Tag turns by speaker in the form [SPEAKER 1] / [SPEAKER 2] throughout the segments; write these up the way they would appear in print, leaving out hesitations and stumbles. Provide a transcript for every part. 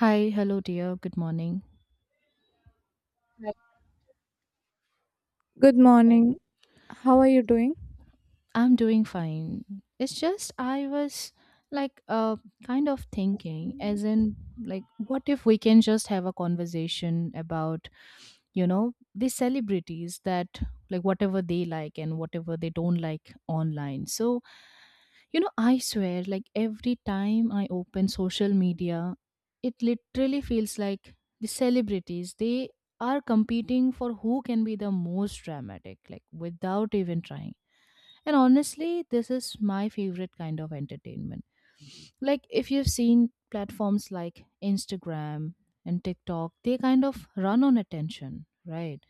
[SPEAKER 1] Hi, hello, dear. Good morning.
[SPEAKER 2] Good morning. How are you doing?
[SPEAKER 1] I'm doing fine. It's just I was, like, kind of thinking, as in, like, what if we can just have a conversation about these celebrities that, like, whatever they like and whatever they don't like online. So, I swear, like every time I open social media, it literally feels like the celebrities, they are competing for who can be the most dramatic, like without even trying. And honestly, this is my favorite kind of entertainment. Like, if you've seen platforms like Instagram and TikTok, they kind of run on attention, right?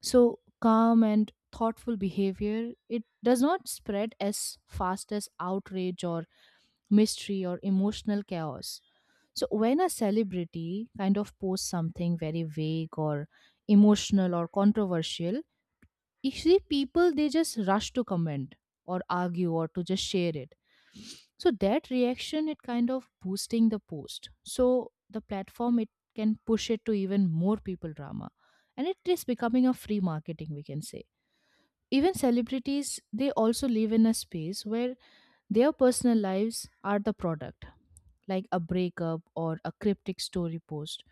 [SPEAKER 1] So, calm and thoughtful behavior, it does not spread as fast as outrage or mystery or emotional chaos. So, when a celebrity kind of posts something very vague or emotional or controversial, you see people, they just rush to comment or argue or to just share it, so that reaction, it kind of boosting the post, so the platform, it can push it to even more people drama, and it is becoming a free marketing, we can say. Even celebrities, they also live in a space where their personal lives are the product, like a breakup or a cryptic story post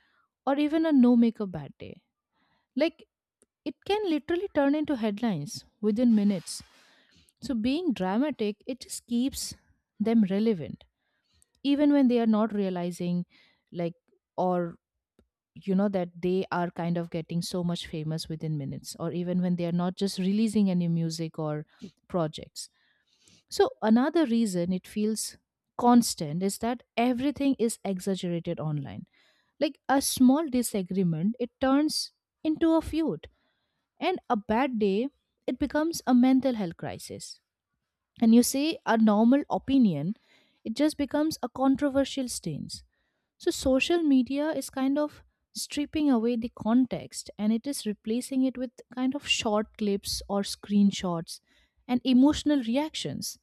[SPEAKER 1] or even a no makeup bad day. Like, it can literally turn into headlines within minutes. So being dramatic, it just keeps them relevant, even when they are not realizing, like, or that they are kind of getting so much famous within minutes, or even when they are not just releasing any music or projects. So, another reason it feels constant is that everything is exaggerated online. Like a small disagreement, it turns into a feud, and a bad day, it becomes a mental health crisis, and you say a normal opinion, it just becomes a controversial stance. So social media is kind of stripping away the context, and it is replacing it with kind of short clips or screenshots and emotional reactions.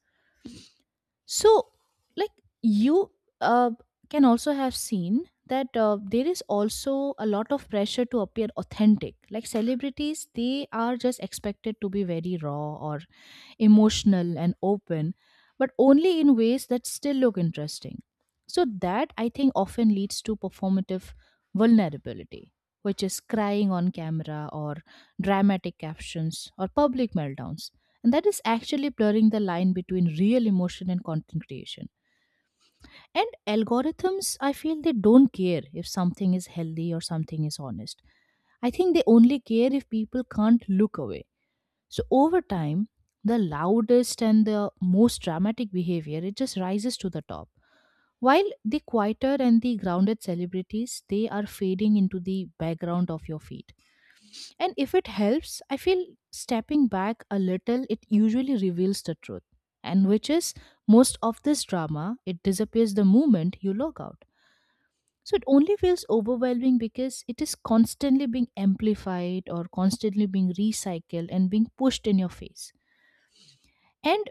[SPEAKER 1] So, like you uh, can also have seen that there is also a lot of pressure to appear authentic. Like celebrities, they are just expected to be very raw or emotional and open, but only in ways that still look interesting. So, that I think often leads to performative vulnerability, which is crying on camera or dramatic captions or public meltdowns. And that is actually blurring the line between real emotion and content creation. And algorithms, I feel they don't care if something is healthy or something is honest. I think they only care if people can't look away. So over time, the loudest and the most dramatic behavior, it just rises to the top. While the quieter and the grounded celebrities, they are fading into the background of your feed. And if it helps, I feel stepping back a little, it usually reveals the truth. And which is, most of this drama, it disappears the moment you log out. So it only feels overwhelming because it is constantly being amplified or constantly being recycled and being pushed in your face. And,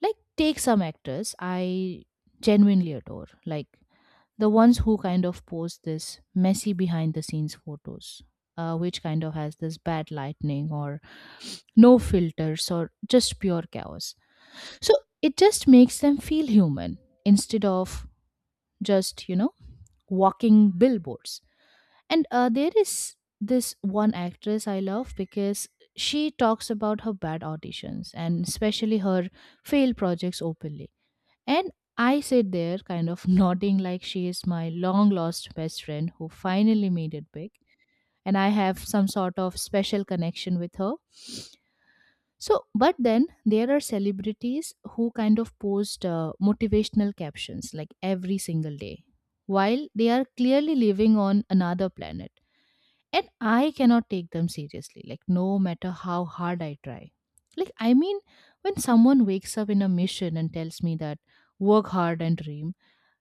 [SPEAKER 1] like, take some actors I genuinely adore, like the ones who kind of post this messy behind the scenes photos, which kind of has this bad lightning or no filters or just pure chaos, so it just makes them feel human instead of just walking billboards. And there is this one actress I love because she talks about her bad auditions and especially her failed projects openly, and I sit there, kind of nodding like she is my long lost best friend who finally made it big. And I have some sort of special connection with her. So, but then there are celebrities who kind of post motivational captions like every single day, while they are clearly living on another planet. And I cannot take them seriously, like, no matter how hard I try. Like, I mean, when someone wakes up in a mission and tells me that work hard and dream,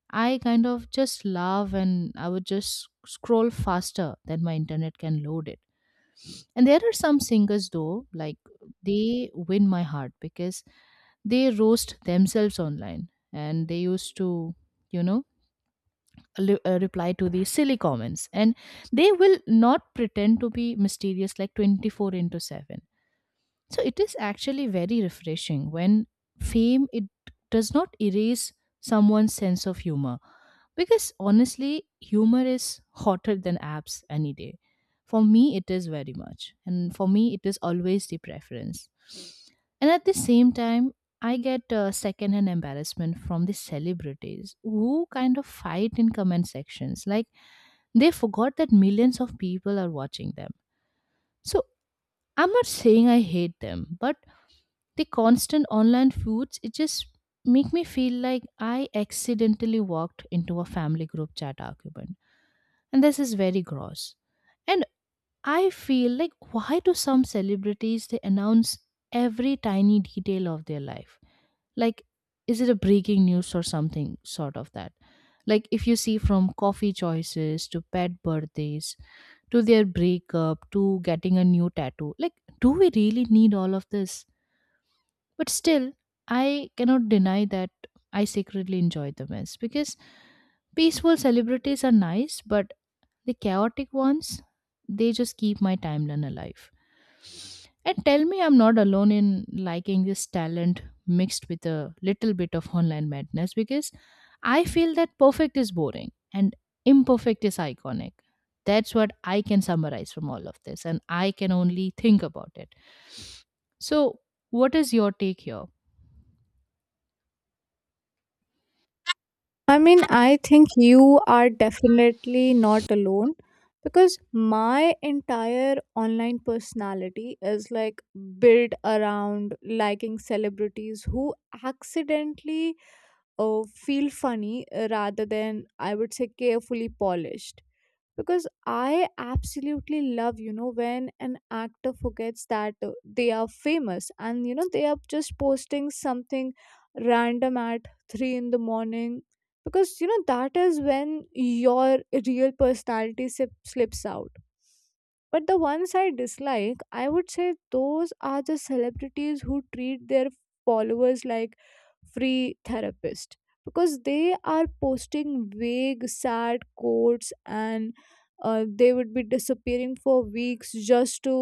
[SPEAKER 1] I kind of just love, and I would just scroll faster than my internet can load it. And there are some singers though, like they win my heart because they roast themselves online, and they used to, you know, reply to these silly comments, and they will not pretend to be mysterious like 24/7, so it is actually very refreshing when fame, it does not erase someone's sense of humor, because honestly humor is hotter than apps any day. For me it is very much, and for me it is always the preference. And at the same time I get secondhand embarrassment from the celebrities who kind of fight in comment sections, like they forgot that millions of people are watching them. So I'm not saying I hate them, but the constant online foods, it just make me feel like I accidentally walked into a family group chat argument, and this is very gross. And I feel like, why do some celebrities, they announce every tiny detail of their life? Like, is it a breaking news or something sort of that? Like, if you see, from coffee choices to pet birthdays to their breakup to getting a new tattoo, like, do we really need all of this? But still, I cannot deny that I secretly enjoy the mess, because peaceful celebrities are nice, but the chaotic ones, they just keep my timeline alive. And tell me I'm not alone in liking this talent mixed with a little bit of online madness, because I feel that perfect is boring and imperfect is iconic. That's what I can summarize from all of this, and I can only think about it. So, what is your take here?
[SPEAKER 2] I mean, I think you are definitely not alone because my entire online personality is like built around liking celebrities who accidentally feel funny rather than, I would say, carefully polished. Because I absolutely love, you know, when an actor forgets that they are famous and you know they are just posting something random at 3 in the morning, because you know that is when your real personality slips out. But the ones I dislike, I would say, those are the celebrities who treat their followers like free therapists because they are posting vague sad quotes, and they would be disappearing for weeks just to,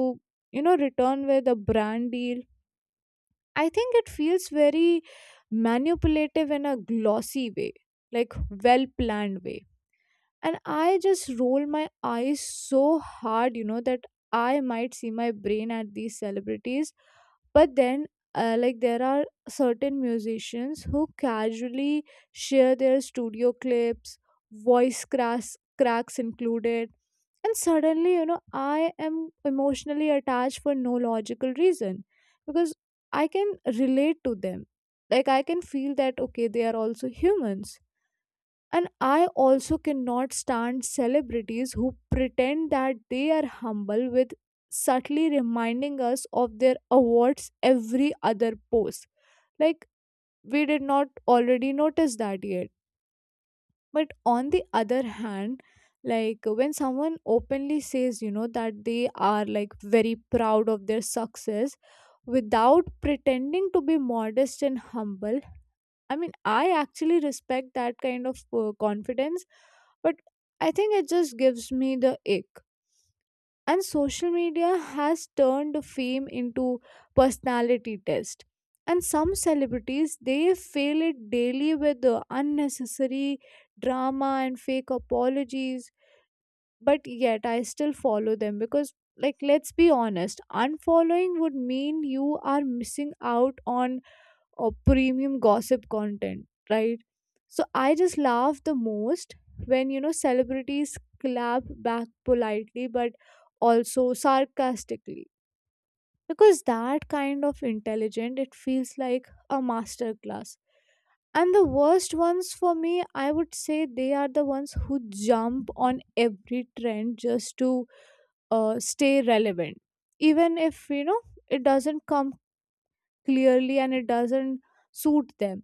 [SPEAKER 2] you know, return with a brand deal. I think it feels very manipulative in a glossy way, like well planned way. And I just roll my eyes so hard, you know, that I might see my brain at these celebrities. But then like there are certain musicians who casually share their studio clips, voice cracks included, and suddenly, you know, I am emotionally attached for no logical reason, because I can relate to them. Like, I can feel that, okay, they are also humans. And I also cannot stand celebrities who pretend that they are humble with subtly reminding us of their awards every other post. Like, we did not already notice that yet. But on the other hand, like when someone openly says, you know, that they are like very proud of their success without pretending to be modest and humble, I mean, I actually respect that kind of confidence, but I think it just gives me the ick. And social media has turned fame into personality test. And some celebrities they fail it daily with the unnecessary drama and fake apologies. But yet I still follow them because, like, let's be honest, unfollowing would mean you are missing out on or premium gossip content, right? So I just laugh the most when, you know, celebrities clap back politely but also sarcastically, because that kind of intelligent, it feels like a master class. And the worst ones for me, I would say, they are the ones who jump on every trend just to stay relevant. Even if, you know, it doesn't come clearly and it doesn't suit them.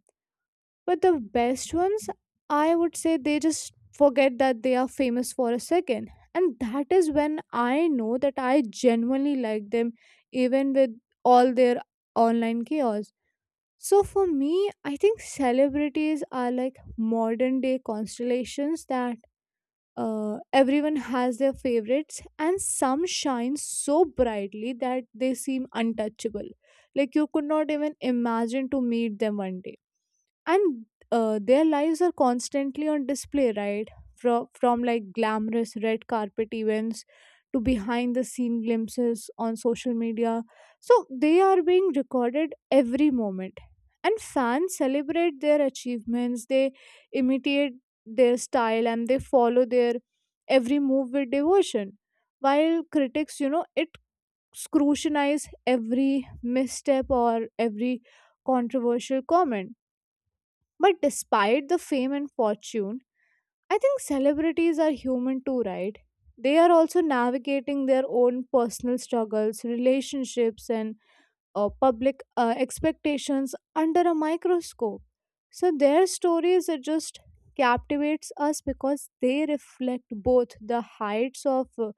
[SPEAKER 2] But the best ones, I would say they just forget that they are famous for a second. And that is when I know that I genuinely like them, even with all their online chaos. So for me, I think celebrities are like modern day constellations that everyone has their favorites, and some shine so brightly that they seem untouchable. Like you could not even imagine to meet them one day. And their lives are constantly on display, right? From like glamorous red carpet events to behind the scene glimpses on social media, so they are being recorded every moment. And fans celebrate their achievements, they imitate their style, and they follow their every move with devotion, while critics, you know, it scrutinize every misstep or every controversial comment. But despite the fame and fortune, I think celebrities are human too, right? They are also navigating their own personal struggles, relationships, and public expectations under a microscope. So their stories are just captivates us because they reflect both the heights of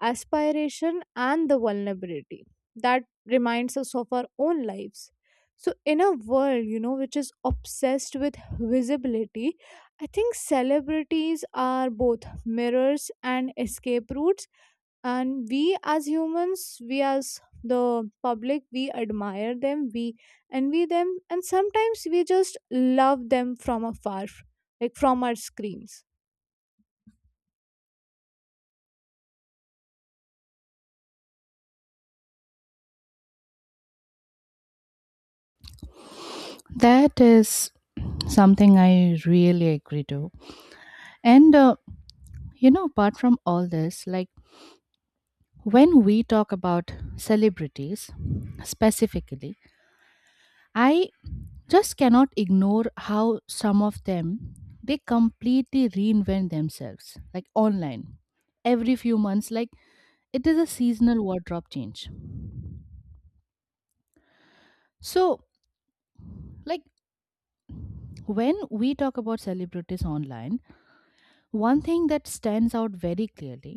[SPEAKER 2] aspiration and the vulnerability that reminds us of our own lives. So in a world, you know, which is obsessed with visibility, I think celebrities are both mirrors and escape routes. And we as humans, we as the public, we admire them, we envy them, and sometimes we just love them from afar, like from our screens.
[SPEAKER 1] That is something I really agree to. And, apart from all this, like when we talk about celebrities specifically, I just cannot ignore how some of them, they completely reinvent themselves like online every few months, like it is a seasonal wardrobe change. So, like, when we talk about celebrities online, one thing that stands out very clearly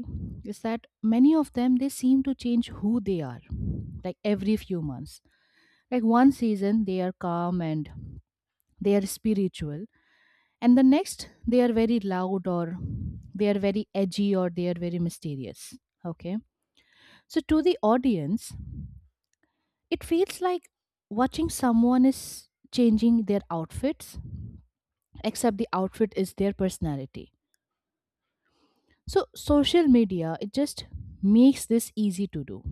[SPEAKER 1] is that many of them, they seem to change who they are like every few months. Like one season they are calm and they are spiritual, and the next they are very loud or they are very edgy or they are very mysterious. Okay? So to the audience it feels like watching someone is changing their outfits, except the outfit is their personality. So social media, it just makes this easy to do.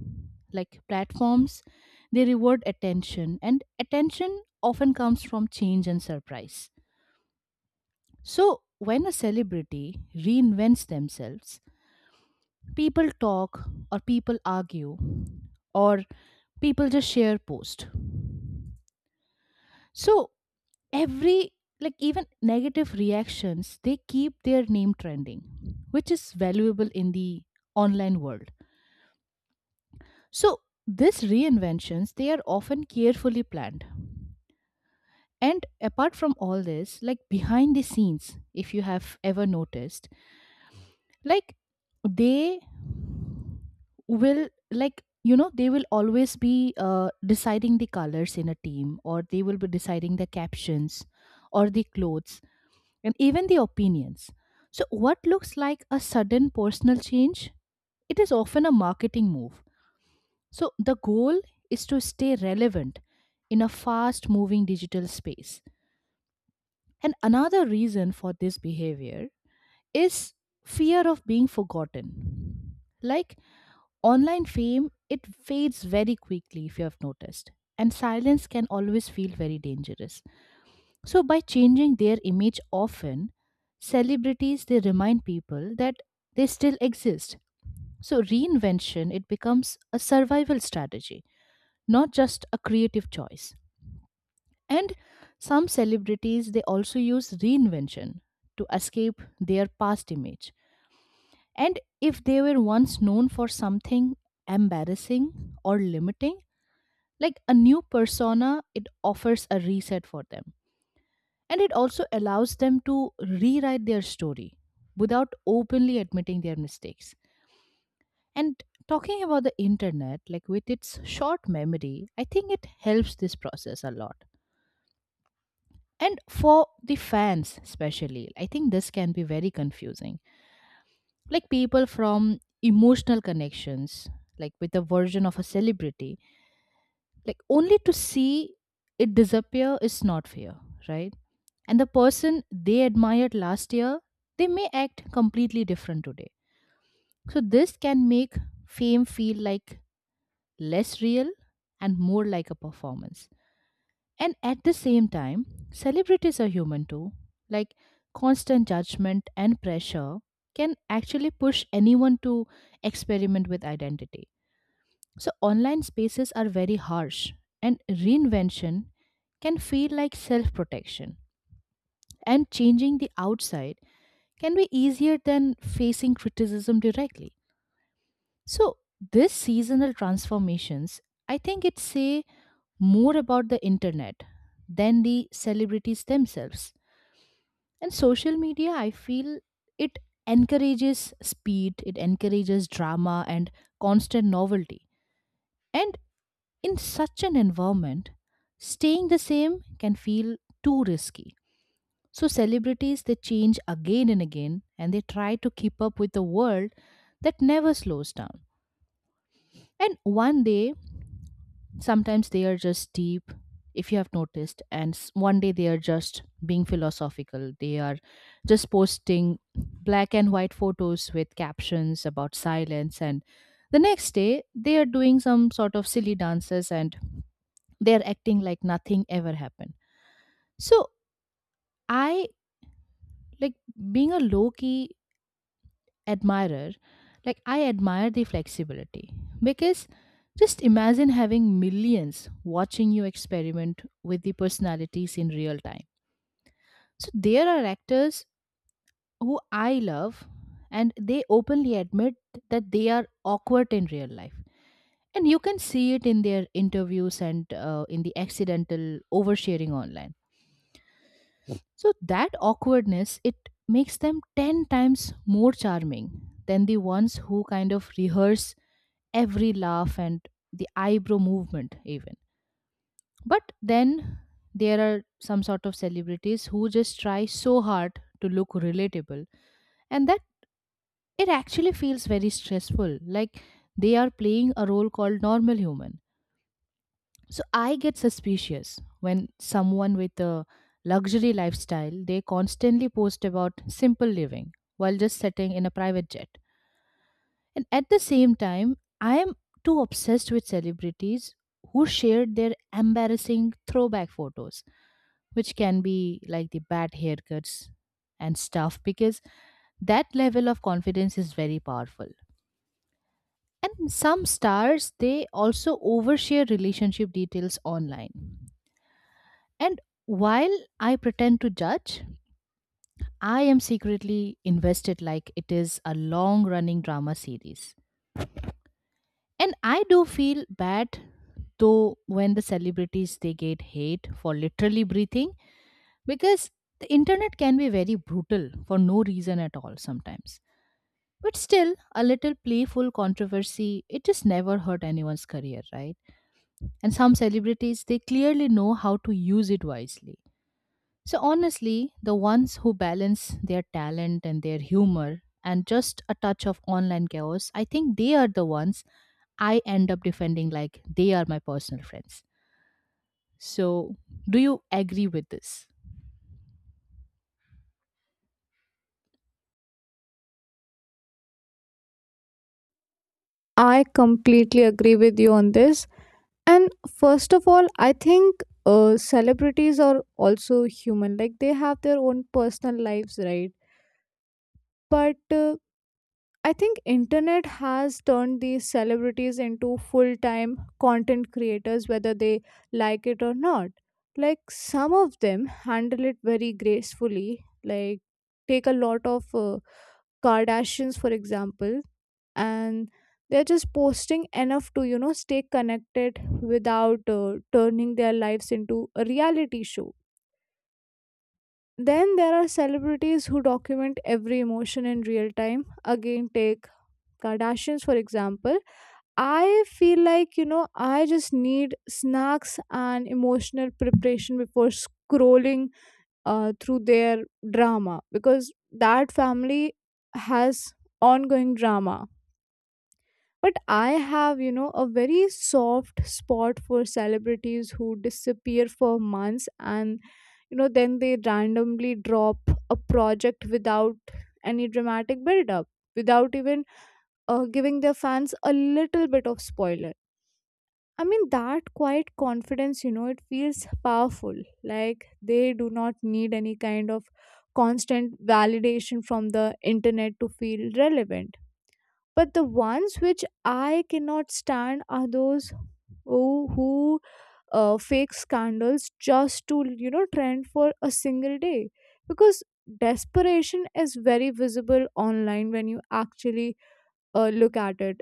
[SPEAKER 1] Like platforms, they reward attention, and attention often comes from change and surprise. So when a celebrity reinvents themselves, people talk or people argue or people just share post. So every, like, even negative reactions, they keep their name trending, which is valuable in the online world. So these reinventions, they are often carefully planned. And apart from all this, like behind the scenes, if you have ever noticed, like they will, like they will always be deciding the colors in a team, or they will be deciding the captions or the clothes and even the opinions, so what looks like a sudden personal change, it is often a marketing move. So the goal is to stay relevant in a fast moving digital space. And another reason for this behavior is fear of being forgotten. Like online fame, it fades very quickly, if you have noticed. And silence can always feel very dangerous. So by changing their image often, celebrities they remind people that they still exist. So reinvention, it becomes a survival strategy, not just a creative choice. And some celebrities they also use reinvention to escape their past image. And if they were once known for something embarrassing or limiting, like a new persona, it offers a reset for them. And it also allows them to rewrite their story without openly admitting their mistakes. And talking about the internet, like with its short memory, I think it helps this process a lot. And for the fans, especially, I think this can be very confusing. Like people from emotional connections, like with a version of a celebrity, like only to see it disappear is not fair, right? And the person they admired last year, they may act completely different today. So this can make fame feel like less real and more like a performance. And at the same time, celebrities are human too. Like constant judgment and pressure can actually push anyone to experiment with identity. So online spaces are very harsh, and reinvention can feel like self-protection, and changing the outside can be easier than facing criticism directly. So, this seasonal transformations, I think it say more about the internet than the celebrities themselves. And social media, I feel it encourages speed, it encourages drama and constant novelty. And in such an environment, staying the same can feel too risky. So celebrities they change again and again and they try to keep up with a world that never slows down. And one day Sometimes they are just deep, if you have noticed, and one day they are just being philosophical. They are just posting black and white photos with captions about silence, and the next day they are doing some sort of silly dances and they are acting like nothing ever happened. So I like being a low key admirer, like I admire the flexibility because just imagine having millions watching you experiment with the personalities in real time. So there are actors who I love and they openly admit that they are awkward in real life, and you can see it in their interviews and in the accidental oversharing online. So that awkwardness it makes them 10 times more charming than the ones who kind of rehearse every laugh and the eyebrow movement even. But then there are some sort of celebrities who just try so hard to look relatable, and that it actually feels very stressful, like they are playing a role called normal human. So I get suspicious when someone with a luxury lifestyle they constantly post about simple living while just sitting in a private jet. And at the same time, I am too obsessed with celebrities who shared their embarrassing throwback photos, which can be like the bad haircuts and stuff, because that level of confidence is very powerful. And some stars, they also overshare relationship details online. And while I pretend to judge, I am secretly invested like it is a long running drama series. And I do feel bad though when the celebrities they get hate for literally breathing, because the internet can be very brutal for no reason at all sometimes. But still, a little playful controversy, it just never hurt anyone's career, right? And some celebrities, they clearly know how to use it wisely. So honestly, the ones who balance their talent and their humor and just a touch of online chaos, I think they are the ones I end up defending like they are my personal friends. So, do you agree with this?
[SPEAKER 2] I completely agree with you on this. And first of all, I think celebrities are also human. Like they have their own personal lives, right? But I think internet has turned these celebrities into full-time content creators whether they like it or not. Like some of them handle it very gracefully. Like take a lot of Kardashians, for example, and they're just posting enough to, you know, stay connected without turning their lives into a reality show. Then there are celebrities who document every emotion in real time. Again, take Kardashians, for example. I feel like, you know, I just need snacks and emotional preparation before scrolling through their drama, because that family has ongoing drama. But I have, you know, a very soft spot for celebrities who disappear for months and, you know, then they randomly drop a project without any dramatic build up, without even giving their fans a little bit of spoiler. I mean, that quiet confidence, you know, it feels powerful. Like they do not need any kind of constant validation from the internet to feel relevant. But the ones which I cannot stand are those who fake scandals just to, you know, trend for a single day. Because desperation is very visible online when you actually look at it,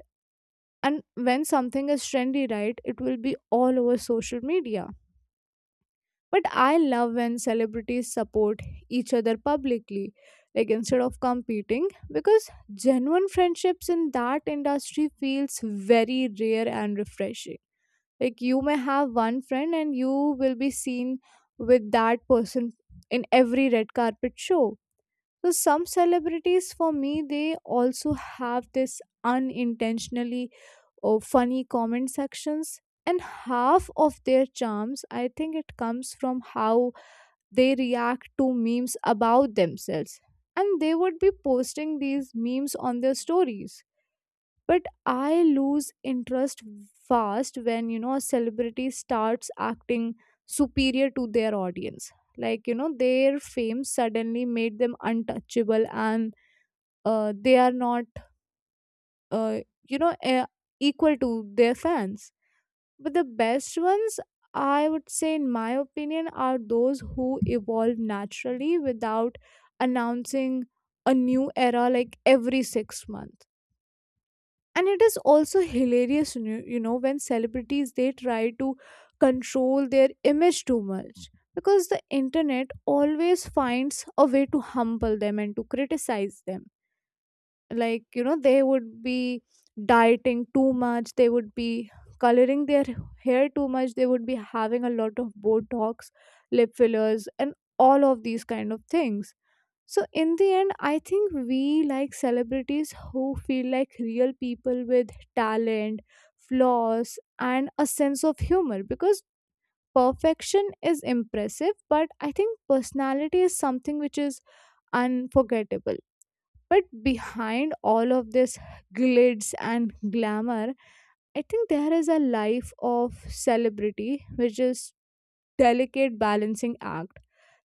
[SPEAKER 2] and when something is trendy, right, it will be all over social media. But I love when celebrities support each other publicly, like instead of competing, because genuine friendships in that industry feels very rare and refreshing. Like you may have one friend and you will be seen with that person in every red carpet show. So some celebrities for me, they also have this unintentionally or funny comment sections, and half of their charms, I think, it comes from how they react to memes about themselves, and they would be posting these memes on their stories. But I lose interest fast when, you know, a celebrity starts acting superior to their audience, like, you know, their fame suddenly made them untouchable and they are not uh, you know uh, equal to their fans. But the best ones, I would say, in my opinion, are those who evolve naturally without announcing a new era like every 6 months. And it is also hilarious, you know, when celebrities they try to control their image too much, because the internet always finds a way to humble them and to criticize them. Like, you know, they would be dieting too much, they would be coloring their hair too much, they would be having a lot of botox, lip fillers, and all of these kind of things. So in the end, I think we like celebrities who feel like real people with talent, flaws, and a sense of humor, because perfection is impressive, but I think personality is something which is unforgettable. But behind all of this glitz and glamour, I think there is a life of celebrity, which is delicate balancing act.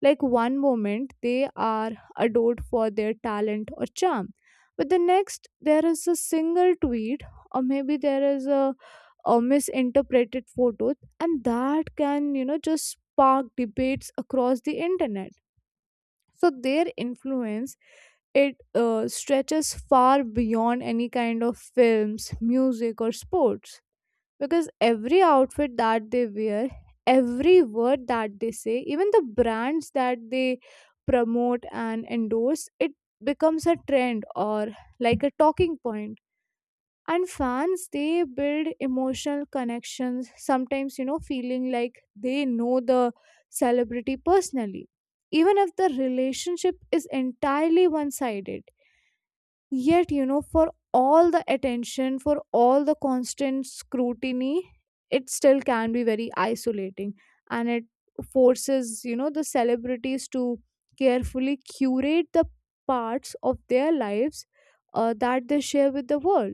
[SPEAKER 2] Like one moment they are adored for their talent or charm, but the next there is a single tweet, or maybe there is a misinterpreted photo, and that can, you know, just spark debates across the internet. So their influence, it stretches far beyond any kind of films, music, or sports, because every outfit that they wear, every word that they say, even the brands that they promote and endorse, it becomes a trend or like a talking point. And fans, they build emotional connections, sometimes, you know, feeling like they know the celebrity personally, even if the relationship is entirely one sided. Yet, you know, for all the attention, for all the constant scrutiny, it still can be very isolating, and it forces, you know, the celebrities to carefully curate the parts of their lives that they share with the world.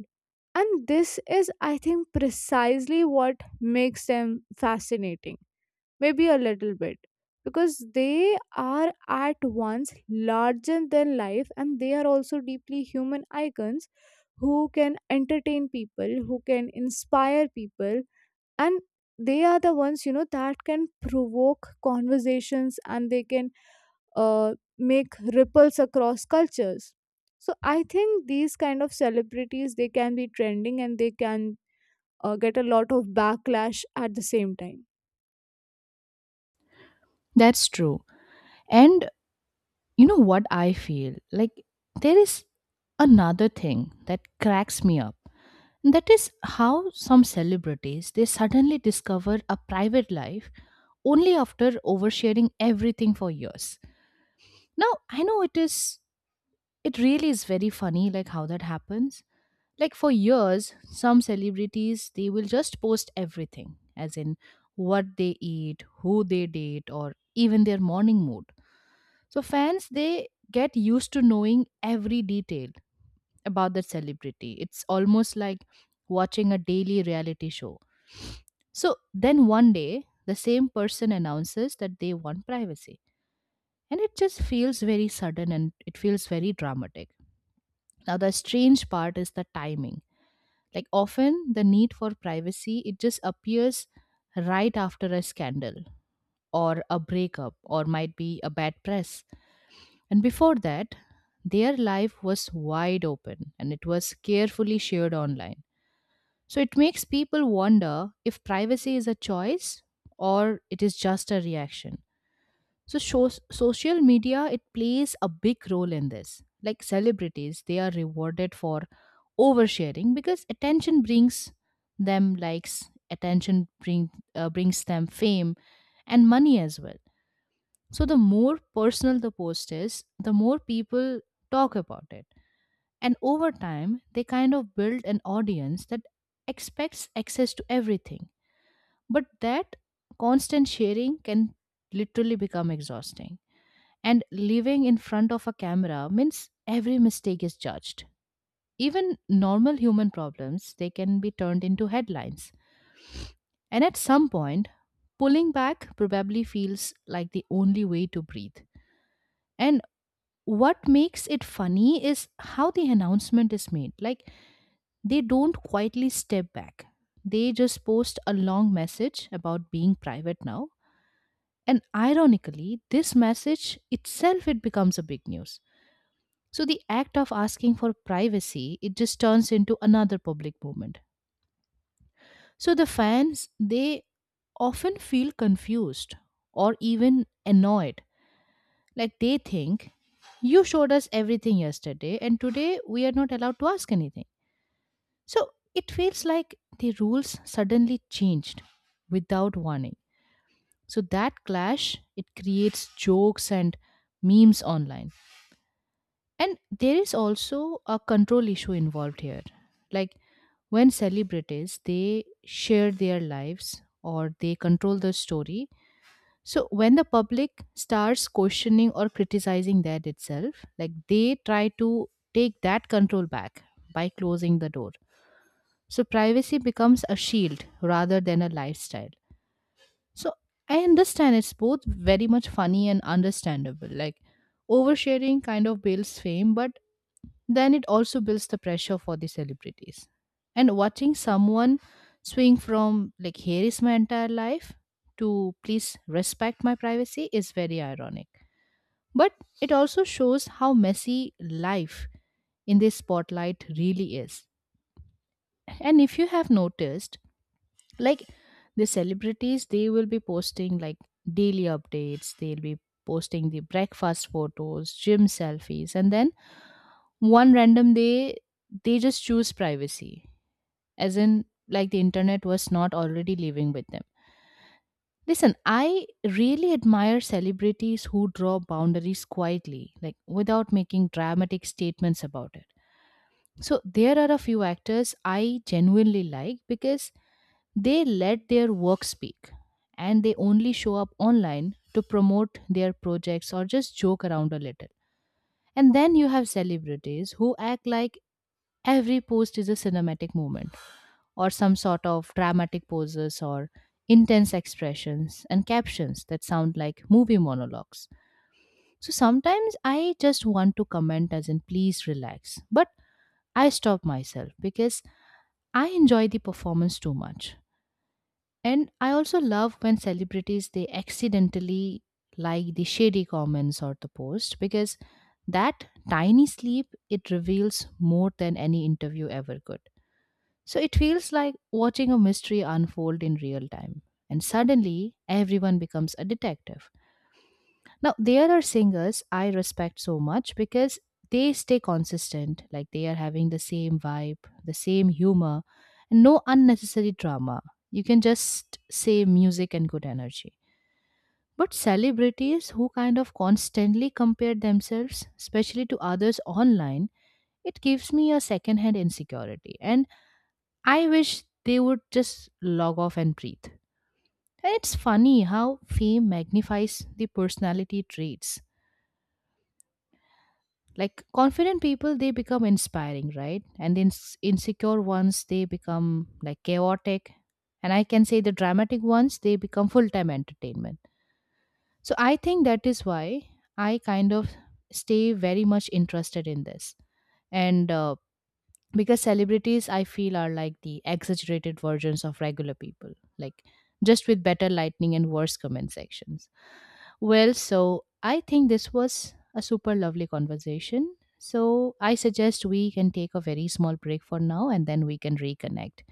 [SPEAKER 2] And this is, I think, precisely what makes them fascinating, maybe a little bit, because they are at once larger than life, and they are also deeply human icons who can entertain people, who can inspire people, and they are the ones, you know, that can provoke conversations, and they can make ripples across cultures. So I think these kind of celebrities, they can be trending and they can get a lot of backlash at the same time.
[SPEAKER 1] That's true. And you know what I feel? Like there is another thing that cracks me up. And that is how some celebrities they suddenly discover a private life only after oversharing everything for years. Now, I know it really is very funny like how that happens, like for years some celebrities they will just post everything as in what they eat, who they date, or even their morning mood. So fans they get used to knowing every detail about the celebrity, it's almost like watching a daily reality show. So then one day the same person announces that they want privacy, and it just feels very sudden and it feels very dramatic. Now the strange part is the timing. Like often the need for privacy it just appears right after a scandal or a breakup or might be a bad press. And before that, their life was wide open and it was carefully shared online. So it makes people wonder if privacy is a choice or it is just a reaction. So shows, social media it plays a big role in this. Like celebrities, they are rewarded for oversharing because attention brings them likes, attention brings them fame and money as well. So the more personal the post is, the more people talk about it. And over time, they kind of build an audience that expects access to everything. But that constant sharing can literally become exhausting. And living in front of a camera means every mistake is judged. Even normal human problems, they can be turned into headlines. And at some point, pulling back probably feels like the only way to breathe. And what makes it funny is how the announcement is made. Like they don't quietly step back. They just post a long message about being private now. And ironically, this message itself it becomes a big news. So the act of asking for privacy, it just turns into another public movement. So the fans, they often feel confused or even annoyed. Like they think, you showed us everything yesterday, and today we are not allowed to ask anything. So it feels like the rules suddenly changed without warning. So that clash, it creates jokes and memes online. And there is also a control issue involved here. Like when celebrities they share their lives or they control the story, so when the public starts questioning or criticizing that itself, like they try to take that control back by closing the door. So privacy becomes a shield rather than a lifestyle. So I understand it's both very much funny and understandable. Like oversharing kind of builds fame, but then it also builds the pressure for the celebrities. And watching someone swing from, like, here is my entire life to please respect my privacy is very ironic. But it also shows how messy life in this spotlight really is. And if you have noticed, like the celebrities they will be posting like daily updates, they'll be posting the breakfast photos, gym selfies, and then one random day they just choose privacy, as in like the internet was not already living with them. Listen, I really admire celebrities who draw boundaries quietly, like without making dramatic statements about it. So there are a few actors I genuinely like because they let their work speak and they only show up online to promote their projects or just joke around a little. And then you have celebrities who act like every post is a cinematic moment or some sort of dramatic poses or intense expressions and captions that sound like movie monologues. So sometimes I just want to comment as in please relax, but I stop myself because I enjoy the performance too much. And I also love when celebrities they accidentally like the shady comments or the post because that tiny slip it reveals more than any interview ever could. So it feels like watching a mystery unfold in real time and suddenly everyone becomes a detective. Now, there are singers I respect so much because they stay consistent, like they are having the same vibe, the same humor, and no unnecessary drama. You can just say music and good energy. But celebrities who kind of constantly compare themselves, especially to others online, it gives me a secondhand insecurity. And I wish they would just log off and breathe. And it's funny how fame magnifies the personality traits, like confident people they become inspiring, right, and the insecure ones they become like chaotic, and I can say the dramatic ones they become full-time entertainment. So I think that is why I kind of stay very much interested in this. And because celebrities I feel are like the exaggerated versions of regular people, like just with better lighting and worse comment sections. Well, so I think this was a super lovely conversation. So I suggest we can take a very small break for now and then we can reconnect.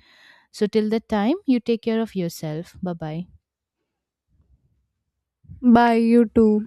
[SPEAKER 1] So till that time, you take care of yourself. Bye bye.
[SPEAKER 2] Bye, you too.